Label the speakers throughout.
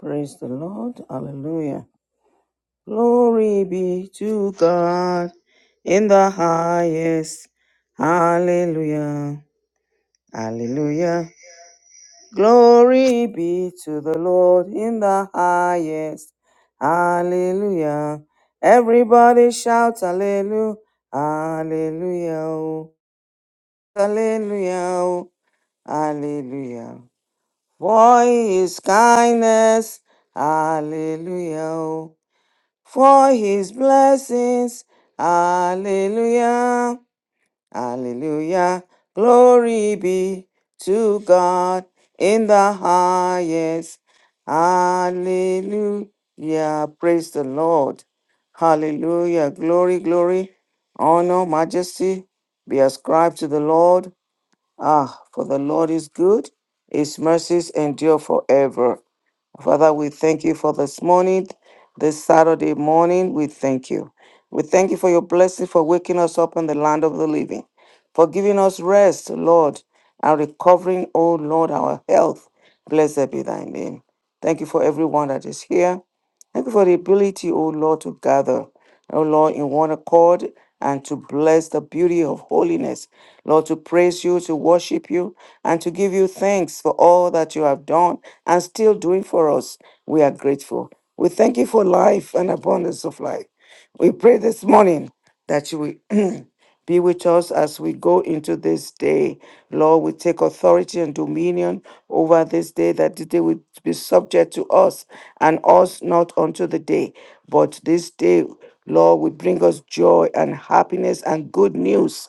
Speaker 1: Praise the Lord. Hallelujah. Glory be to God in the highest. Hallelujah. Hallelujah. Glory be to the Lord in the highest. Hallelujah. Everybody shout hallelujah. Hallelujah. oh. Hallelujah. oh. Hallelujah. For his kindness. Hallelujah. oh. for his blessings. Hallelujah. Hallelujah. Glory be to God in the highest. Hallelujah. Praise the Lord. Hallelujah. Glory, glory, honor, majesty be ascribed to the Lord Ah, for the Lord is good, his mercies endure forever. Father, we thank you for this morning, this Saturday morning. We thank you. We thank you for your blessing for waking us up in the land of the living, for giving us rest, Lord, and recovering, oh Lord, our health. Blessed be thy name. Thank you for everyone that is here. Thank you for the ability, O Lord, to gather, O Lord, in one accord and to bless the beauty of holiness. Lord, to praise you, to worship you, and to give you thanks for all that you have done and still doing for us. We are grateful. We thank you for life and abundance of life. We pray this morning that you will. Be with us as we go into this day. Lord, we take authority and dominion over this day that the day will be subject to us and us not unto the day. But this day, Lord, will bring us joy and happiness and good news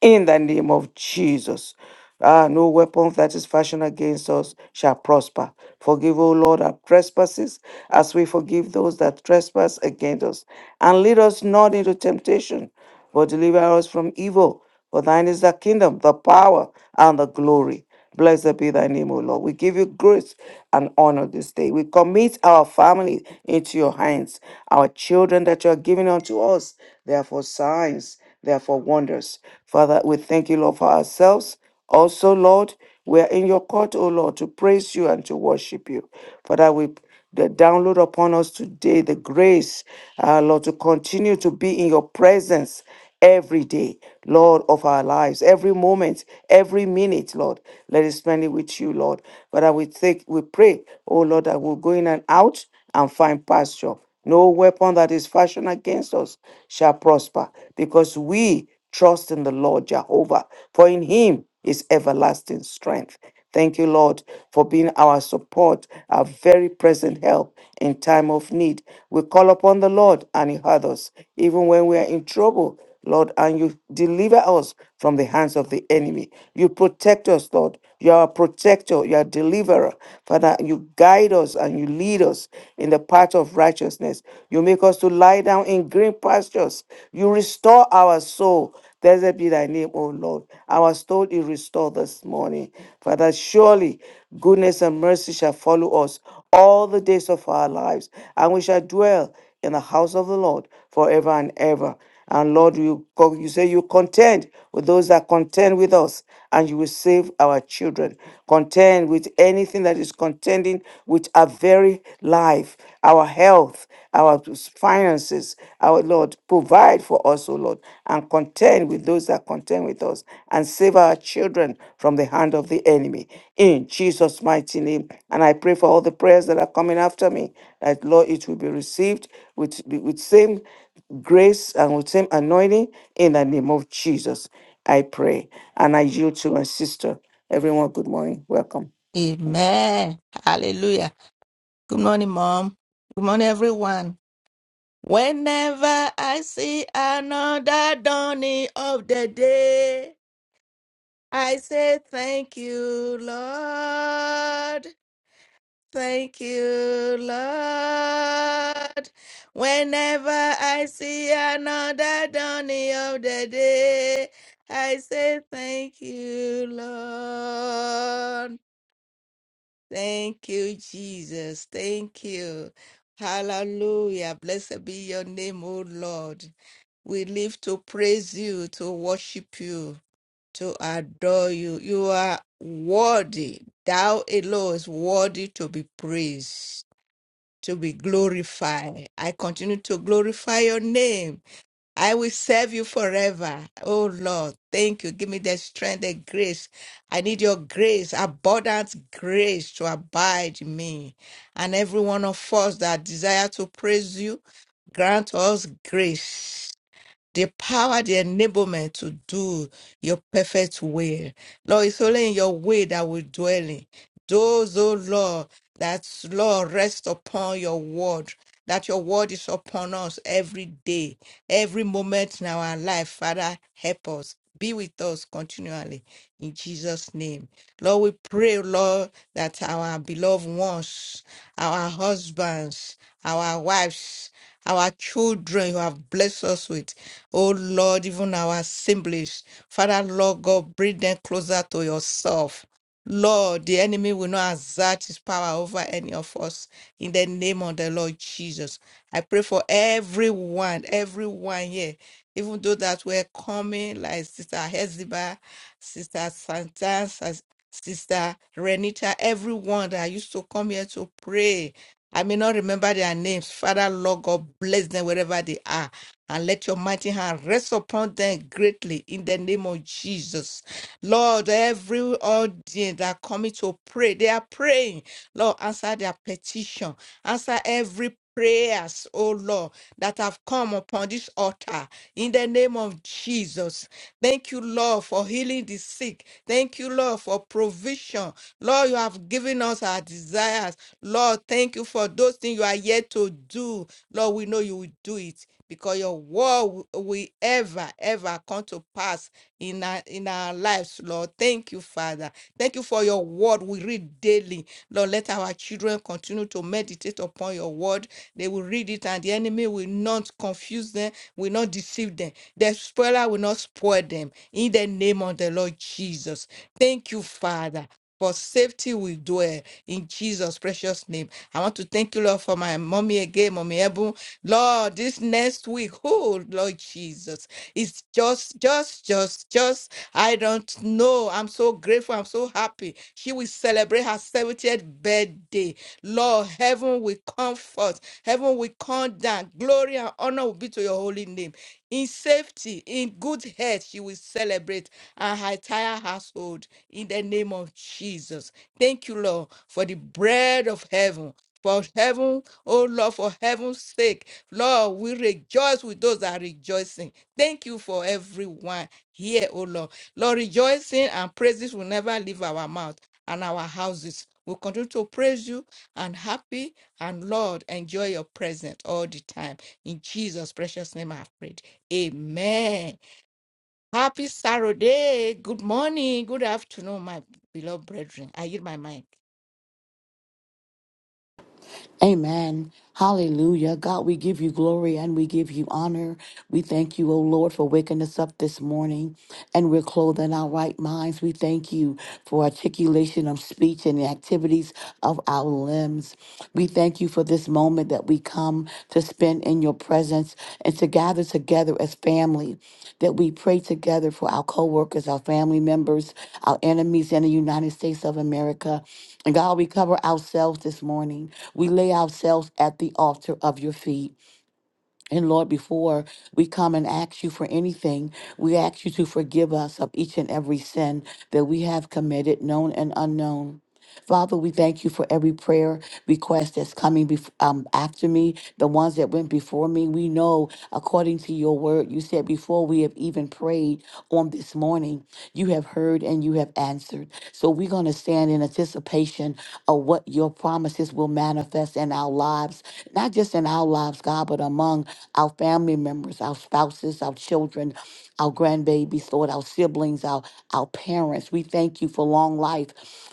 Speaker 1: in the name of Jesus. Ah, no weapon that is fashioned against us shall prosper. Forgive, O Lord, our trespasses as we forgive those that trespass against us. And lead us not into temptation, but deliver us from evil. For thine is the kingdom, the power, and the glory. Blessed be thy name, O Lord. We give you grace and honor this day. We commit our family into your hands, our children that you are giving unto us. Therefore, signs, therefore, wonders. Father, we thank you, Lord, for ourselves. Also, Lord, we are in your court, O Lord, to praise you and to worship you. Father, we the download upon us today the grace, uh, Lord, to continue to be in your presence every day, Lord, of our lives, every moment, every minute, Lord. Let us spend it with you, Lord. Father, we take, we pray, oh Lord, that we'll go in and out and find pasture. No weapon that is fashioned against us shall prosper, because we trust in the Lord Jehovah, for in him is everlasting strength. Thank you, Lord, for being our support, our very present help in time of need. We call upon the Lord and he heard us. Even when we are in trouble, Lord, and you deliver us from the hands of the enemy. You protect us, Lord. You are a protector, you are a deliverer. Father, you guide us and you lead us in the path of righteousness. You make us to lie down in green pastures. You restore our soul. Blessed be thy name, O Lord. Our soul is restored this morning. Father, surely goodness and mercy shall follow us all the days of our lives, and we shall dwell in the house of the Lord forever and ever. And Lord, you, co- you say you contend with those that contend with us, and you will save our children. Contend with anything that is contending with our very life, our health, our finances. Our Lord, provide for us, O Lord, and contend with those that contend with us, and save our children from the hand of the enemy. In Jesus' mighty name. And I pray for all the prayers that are coming after me, that Lord, it will be received with, with same grace and with same anointing in the name of Jesus. I pray. And I yield to my sister. Everyone, good morning. Welcome.
Speaker 2: Amen. Hallelujah. Good morning, Mom. Good morning, everyone. Whenever I see another dawning of the day, I say, Thank you, Lord. Thank you, Lord. Whenever I see another dawning of the day, I say, Thank you, Lord. Thank you, Jesus. Thank you. Hallelujah. Blessed be your name, O Lord. We live to praise you, to worship you, to adore you. You are worthy. Thou alone is worthy to be praised, to be glorified. I continue to glorify your name. I will serve you forever. Oh Lord, thank you. Give me the strength, the grace. I need your grace, abundant grace to abide in me. And every one of us that desire to praise you, grant us grace, the power, the enablement to do your perfect will. Lord, it's only in your way that we dwell in. Those, O Lord, that, Lord, rest upon your word, that your word is upon us every day, every moment in our life. Father, help us. Be with us continually in Jesus' name. Lord, we pray, Lord, that our beloved ones, our husbands, our wives, our children you have blessed us with, oh Lord, even our assemblies, Father, Lord God, bring them closer to yourself. Lord, the enemy will not exert his power over any of us in the name of the Lord Jesus. I pray for everyone, everyone here, even though that we're coming, like Sister Heziba, Sister Santa, Sis- Sister Renita, everyone that used to come here to pray. I may not remember their names. Father, Lord God, bless them wherever they are. And let your mighty hand rest upon them greatly in the name of Jesus. Lord, every audience that coming to pray, they are praying. Lord, answer their petition. Answer every prayers, oh Lord, that have come upon this altar in the name of Jesus. Thank you, Lord, for healing the sick. Thank you, Lord, for provision. Lord, you have given us our desires. Lord, thank you for those things you are yet to do. Lord, we know you will do it because your word will ever, ever, ever come to pass in our, in our lives, Lord. Thank you, Father. Thank you for your word we read daily. Lord, let our children continue to meditate upon your word. They will read it and the enemy will not confuse them, will not deceive them. The spoiler will not spoil them. In the name of the Lord Jesus. Thank you, Father for safety we dwell in Jesus' precious name. I want to thank you, Lord, for my mommy again, mommy Ebu. Lord, this next week, oh Lord Jesus, it's just, just, just, just. I don't know. I'm so grateful. I'm so happy. She will celebrate her 70th birthday. Lord, heaven will comfort. Heaven will come down. Glory and honor will be to your holy name. In safety, in good health, she will celebrate and her entire household in the name of Jesus. Thank you, Lord, for the bread of heaven. For heaven, oh Lord, for heaven's sake, Lord, we rejoice with those that are rejoicing. Thank you for everyone here, oh Lord. Lord, rejoicing and praises will never leave our mouth and our houses. We'll continue to praise you and happy and Lord, enjoy your presence all the time. In Jesus' precious name, I pray. Amen. Happy Saturday. Good morning. Good afternoon, my beloved brethren. I hear my mic.
Speaker 3: Amen. Hallelujah. God, we give you glory and we give you honor. We thank you, O Lord, for waking us up this morning and we're clothed in our right minds. We thank you for articulation of speech and the activities of our limbs. We thank you for this moment that that we come to spend in your presence and to gather together as family, that we pray together for our coworkers, our family members, our enemies in the United States of America. And God, we cover ourselves this morning. We lay ourselves at the altar of your feet. And Lord, before we come and ask you for anything, we ask you to forgive us of each and every sin that we have committed, known and unknown. Father, we thank you for every prayer request that's coming bef- um, after me, the ones that went before me. We know, according to your word, you said before we have even prayed on this morning, you have heard and you have answered. So we're going to stand in anticipation of what your promises will manifest manifest in our lives, not just in our lives, God, but among our family members, our spouses, our children, our grandbabies, Lord, our siblings, our, our parents. We thank you for long life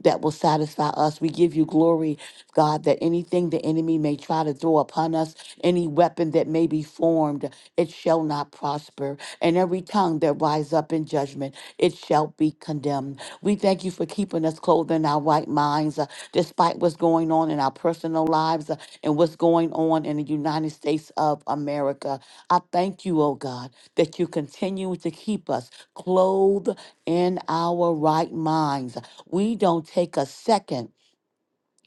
Speaker 3: that will satisfy us. We give you glory, God, that anything the enemy may try to throw upon us, any weapon that may be formed, it shall not prosper. And every tongue that rise up in judgment, it shall be condemned. We thank you for keeping us clothed in our right minds despite what's going on in our personal lives uh, and what's going on in the United States of America. I thank you, oh God, that you continue to keep us clothed in our right minds. We don't take a second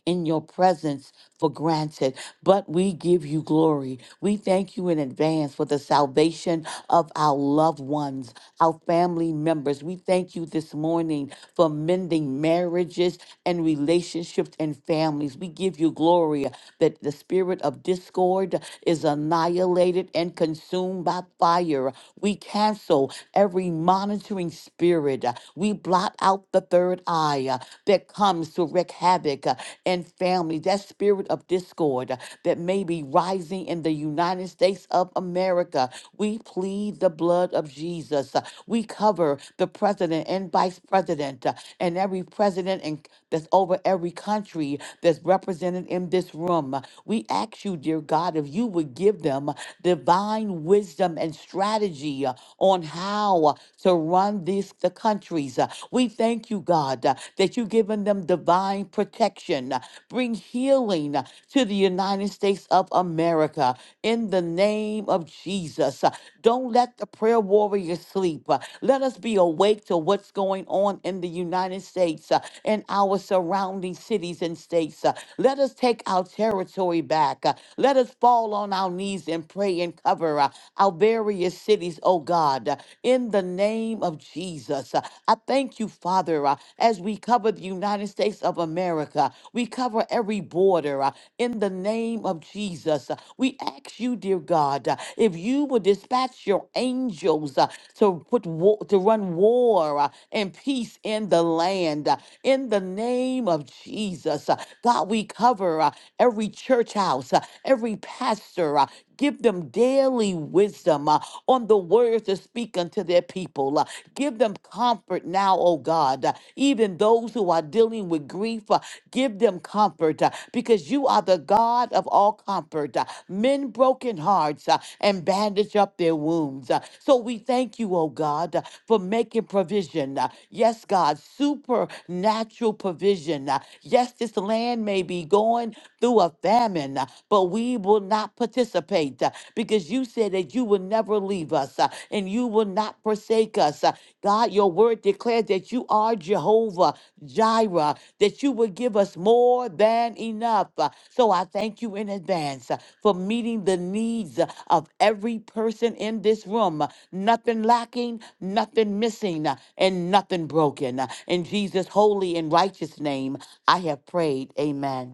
Speaker 3: in your presence for granted, but we give you glory. We thank you in advance for the salvation of our loved ones, our family members. We thank you this morning for mending marriages and relationships and families. We give you glory that the spirit of discord is annihilated and consumed by fire. We cancel every monitoring spirit. uh, We blot out the third eye uh, that comes to wreak havoc uh, in families, that spirit of discord uh, that may be rising in the United States of America. We plead the blood of Jesus. uh, We cover the president and vice president uh, and every president and that's over every country that's represented in this room. Uh, We ask you, dear God, if you would give them divine wisdom and and strategy uh, on how uh, to run these the countries. Uh, We thank you, God, uh, that you've given them divine protection. Uh, Bring healing uh, to the United States of America in the name of Jesus. Uh, Don't let the prayer warriors sleep. Uh, Let us be awake to what's going on in the United States uh, and our surrounding cities and states. Uh, Let us take our territory back. Uh, Let us fall on our knees praise and pray and cover uh, our various cities, oh God, uh, in the name of Jesus. Uh, I thank you, Father, uh, as we cover the United States of America, we cover every border uh, in the name of Jesus. Uh, We ask you, dear God, uh, if you would dispatch your angels uh, to put war, to run war uh, and peace in the land uh, in the name of Jesus. Uh, God, we cover uh, every church house, uh, every pastor. uh, Give them daily wisdom uh, on the words to speak unto their people. uh, give them comfort now, oh God. uh, even those who are dealing with grief, uh, give them comfort uh, because you are the God of all comfort. uh, men broken hearts uh, and bandage up their wounds. uh, so we thank you, oh God, uh, for making provision. uh, yes, God, supernatural provision. uh, yes, this land may be going through a through a famine, uh, but we will not participate uh, because you said that you will never leave us uh, and you will not forsake us. uh. God, your word declares that you are Jehovah Jireh, that you will give us more than enough. uh. So I thank you in advance uh, for meeting the needs uh, of every person in this room. uh, Nothing lacking, nothing missing, uh, and nothing broken. uh. In Jesus' holy and righteous name, I have prayed. Amen.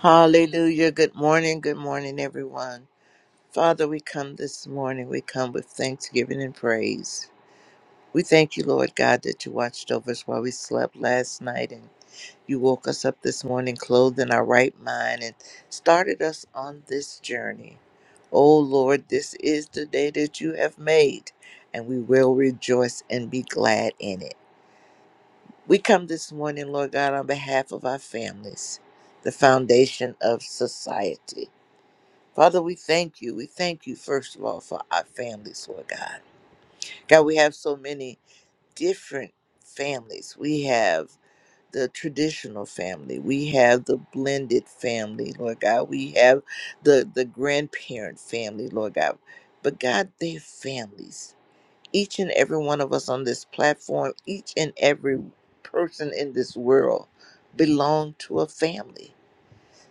Speaker 4: Hallelujah. Good morning. Good morning, everyone. Father, we come this morning. We come with thanksgiving and praise. We thank you, Lord God, that you watched over us while we slept last night and you woke us up this morning clothed in our right mind and started us on this journey. Oh, Lord, this is the day that you have made, and we will rejoice and be glad in it. We come this morning, Lord God, on behalf of our families, the foundation of society. Father, we thank you. We thank you, first of all, for our families, Lord God. God, we have so many different families. We have the traditional family. We have the blended family, Lord God. We have the, the grandparent family, Lord God. But God, they're families. Each and every one of us on this platform, each and every person in this world belong to a family.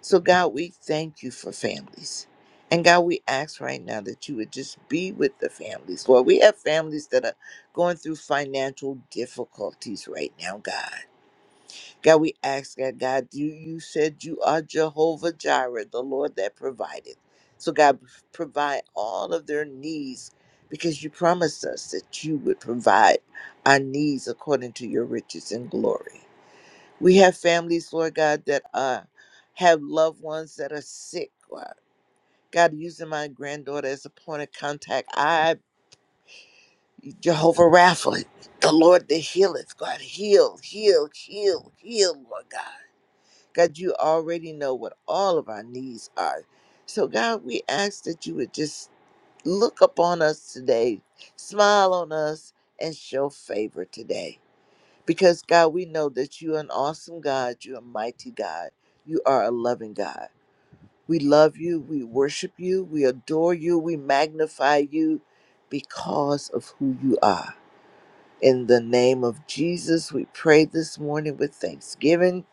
Speaker 4: So, God, we thank you for families. And God, we ask right now that you would just be with the families. Lord, we have families that are going through financial difficulties right now, God. God, we ask that, God, you, you said you are Jehovah Jireh, the Lord that provided. So, God, provide all of their needs because you promised us that you would provide our needs according to your riches and glory. We have families, Lord God, that uh, have loved ones that are sick. Lord. God, using my granddaughter as a point of contact, I, Jehovah Rapha, the Lord that healeth, God, heal, heal, heal, heal, Lord God. God, you already know what all of our needs are. So, God, we ask that you would just look upon us today, smile on us, and show favor today. Because, God, we know that you are an awesome God. You're a mighty God. You are a loving God. We love you. We worship you. We adore you. We magnify you because of who you are. In the name of Jesus, we pray this morning with thanksgiving.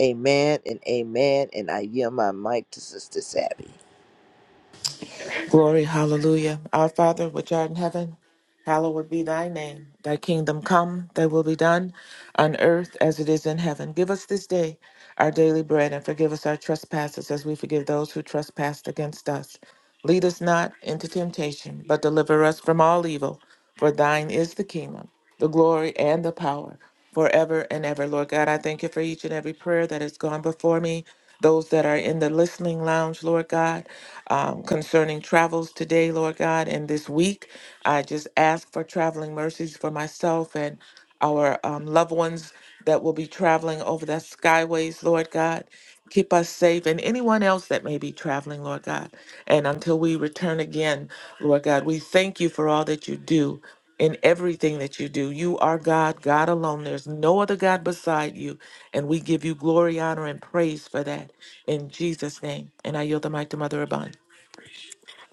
Speaker 4: Amen and amen. And I yield my mic to Sister Savvy.
Speaker 5: Glory, hallelujah. Our Father, which art in heaven, hallowed be thy name. Thy kingdom come, thy will be done on earth as it is in heaven. Give us this day our daily bread and forgive us our trespasses as we forgive those who trespass against us. Lead us not into temptation, but deliver us from all evil. For thine is the kingdom, the glory, and the power forever and ever. Lord God, I thank you for each and every prayer that has gone before me. Those that are in the listening lounge, Lord God, um, concerning travels today, Lord God, and this week, I just ask for traveling mercies for myself and our um, loved ones that will be traveling over the skyways, Lord God. Keep us safe and anyone else that may be traveling, Lord God. And until we return again, Lord God, we thank you for all that you do in everything that you do. You are God, God alone. There's no other God beside you. And we give you glory, honor, and praise for that in Jesus' name. And I yield the mic to Mother Abund.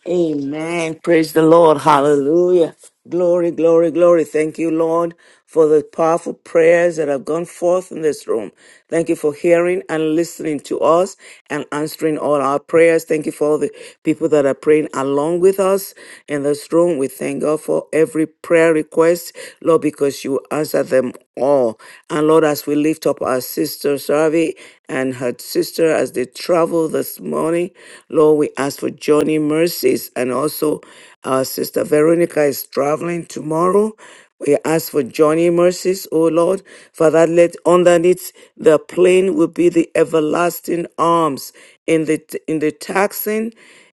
Speaker 1: Amen. Praise the Lord. Hallelujah. Glory, glory, glory. Thank you, Lord, for the powerful prayers that have gone forth in this room. Thank you for hearing and listening to us and answering all our prayers. Thank you for all the people that are praying along with us in this room. We thank God for every prayer request, Lord, because you answer them all. And Lord, as we lift up our sister Savi and her sister as they travel this morning, family. Lord, we ask for journey mercies and also our sister Veronica is traveling tomorrow. We ask for journey mercies, O Lord. Father, let underneath the plane will be the everlasting arms in the in the taxing,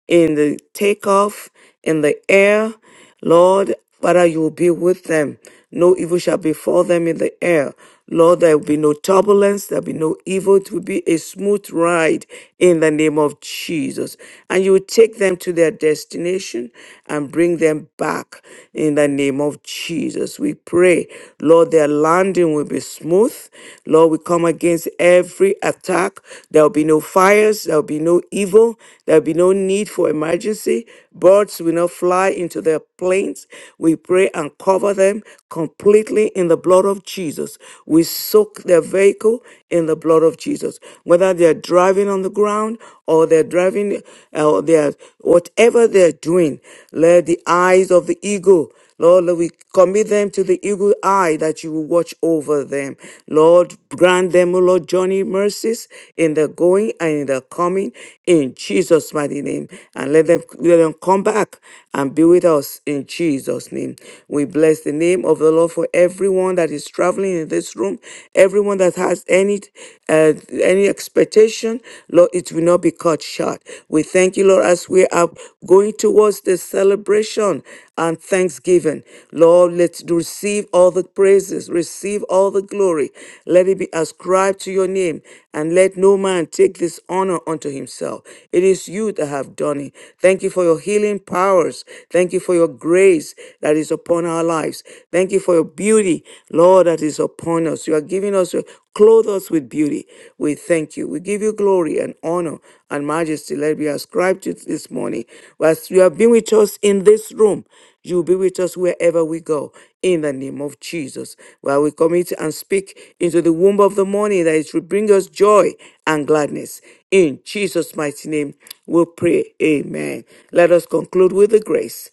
Speaker 1: in the takeoff, in the air. Lord, Father, you will be with them. No evil shall befall them in the air. Lord, there will be no turbulence, there will be no evil. It will be a smooth ride in the name of Jesus. And you will take them to their destination and bring them back in the name of Jesus. We pray, Lord, their landing will be smooth. Lord, we come against every attack. There will be no fires, there will be no evil, there will be no need for emergency. Birds will not fly into their their planes. We pray and cover them completely in the blood of Jesus. We soak their vehicle in the blood of Jesus. Whether they're driving on the ground or they're driving, uh, or they're, whatever they're doing, let the eyes of the eagle Lord, we commit them to the eagle eye that you will watch over them. Lord, grant them, O Lord, journey mercies in the going and in the coming in Jesus' mighty name. And let them, let them come back and be with us in Jesus' name. We bless the name of the Lord for everyone that is traveling in this room, everyone that has any, uh, any expectation. Lord, it will not be cut short. We thank you, Lord, as we are going towards this celebration and thanksgiving. Lord, let's receive all the praises, receive all the glory. Let it be ascribed to your name, and let no man take this honor unto himself. It is you that have done it. Thank you for your healing powers. Thank you for your grace that is upon our lives. Thank you for your beauty, Lord, that is upon us us. You are giving us, clothe us with beauty. We thank you. We give you glory and honor and majesty. Let it be ascribed to this morning. As you have been with us in this room, you will be with us wherever we go. In the name of Jesus. While we commit and speak into the womb of the morning, that it should bring us joy and gladness. In Jesus' mighty name, we pray. Amen. Let us conclude with the grace.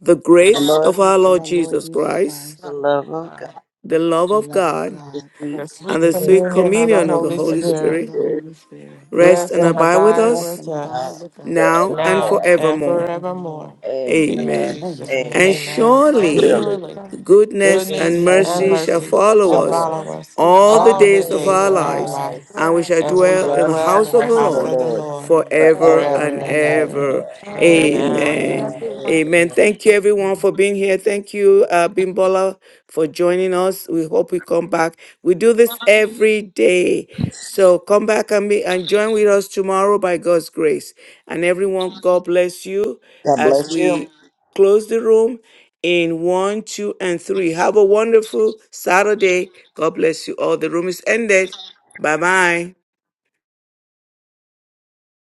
Speaker 1: The
Speaker 4: The
Speaker 1: grace
Speaker 4: Lord,
Speaker 1: of our
Speaker 3: Praise of
Speaker 1: Lord
Speaker 3: our Lord
Speaker 1: Jesus
Speaker 3: Jesus
Speaker 1: Christ,
Speaker 3: Christ,
Speaker 4: the
Speaker 2: Lord,
Speaker 4: love of
Speaker 2: God,
Speaker 4: God,
Speaker 1: the love
Speaker 3: the
Speaker 1: of
Speaker 3: love of
Speaker 1: God
Speaker 4: this
Speaker 3: God,
Speaker 4: week,
Speaker 5: The
Speaker 1: and
Speaker 5: sweet
Speaker 1: the
Speaker 4: and
Speaker 1: sweet
Speaker 5: communion of the
Speaker 1: communion of the
Speaker 5: Holy
Speaker 3: and
Speaker 1: Holy
Speaker 4: this
Speaker 3: communion
Speaker 5: Spirit
Speaker 3: of
Speaker 1: Spirit
Speaker 3: the
Speaker 4: year,
Speaker 3: Holy Spirit,
Speaker 2: and God,
Speaker 1: rest
Speaker 5: rest
Speaker 1: and
Speaker 4: and
Speaker 5: and
Speaker 1: abide with
Speaker 5: abide
Speaker 3: rest
Speaker 1: us
Speaker 5: with
Speaker 3: and abide
Speaker 4: now,
Speaker 5: us
Speaker 4: and
Speaker 1: now and
Speaker 5: now
Speaker 4: forevermore.
Speaker 5: and
Speaker 1: forevermore.
Speaker 5: forevermore.
Speaker 4: Amen.
Speaker 5: In
Speaker 1: Amen.
Speaker 5: Jesus' name,
Speaker 4: Amen.
Speaker 1: And
Speaker 5: amen. And
Speaker 2: God's
Speaker 1: surely
Speaker 4: Surely,
Speaker 5: surely.
Speaker 2: goodness,
Speaker 1: goodness
Speaker 3: with
Speaker 4: goodness
Speaker 1: and
Speaker 5: goodness
Speaker 4: and
Speaker 5: and
Speaker 1: mercy
Speaker 4: mercy
Speaker 1: shall
Speaker 5: mercy
Speaker 4: shall
Speaker 1: follow
Speaker 5: shall
Speaker 4: follow
Speaker 1: us
Speaker 4: us
Speaker 2: all
Speaker 5: follow
Speaker 2: the
Speaker 5: us
Speaker 2: things in
Speaker 1: all the
Speaker 4: all
Speaker 2: our
Speaker 5: all
Speaker 4: the
Speaker 3: all
Speaker 5: the
Speaker 1: days
Speaker 3: the
Speaker 1: of
Speaker 2: lives,
Speaker 4: days of
Speaker 5: days
Speaker 1: our
Speaker 3: faithful
Speaker 5: of
Speaker 4: our
Speaker 5: our
Speaker 1: lives,
Speaker 3: ones,
Speaker 4: lives,
Speaker 5: lives,
Speaker 1: and we
Speaker 2: where
Speaker 1: shall
Speaker 4: and
Speaker 2: in
Speaker 4: we
Speaker 5: and
Speaker 2: your
Speaker 4: shall
Speaker 5: we
Speaker 1: dwell
Speaker 5: shall
Speaker 1: in
Speaker 2: hand,
Speaker 1: the
Speaker 4: dwell in the
Speaker 5: dwell
Speaker 1: house
Speaker 5: in the
Speaker 1: of
Speaker 4: house
Speaker 1: the
Speaker 4: of
Speaker 2: presence
Speaker 4: the
Speaker 5: house
Speaker 3: and
Speaker 2: of
Speaker 1: Lord
Speaker 5: of the
Speaker 3: blessed
Speaker 4: Lord
Speaker 3: of
Speaker 2: the
Speaker 3: the
Speaker 5: Lord
Speaker 3: Lord,
Speaker 1: forever
Speaker 4: forever
Speaker 5: forever
Speaker 1: and
Speaker 4: and
Speaker 5: and
Speaker 3: ever and
Speaker 5: ever.
Speaker 3: ever.
Speaker 4: ever.
Speaker 1: ever.
Speaker 5: Amen.
Speaker 1: Amen.
Speaker 3: Amen.
Speaker 2: Lord.
Speaker 4: Amen.
Speaker 1: Amen.
Speaker 4: Amen.
Speaker 1: Thank you, everyone, for being here. Thank you, uh, Bimbola, for joining us. We hope we come back. We do this every day. So come back and, be, and join with us tomorrow by God's grace. And everyone, God bless you
Speaker 4: God
Speaker 1: as
Speaker 4: bless you.
Speaker 1: we close the room in one, two, and three. Have a wonderful Saturday. God bless you all. The room is ended. Bye bye.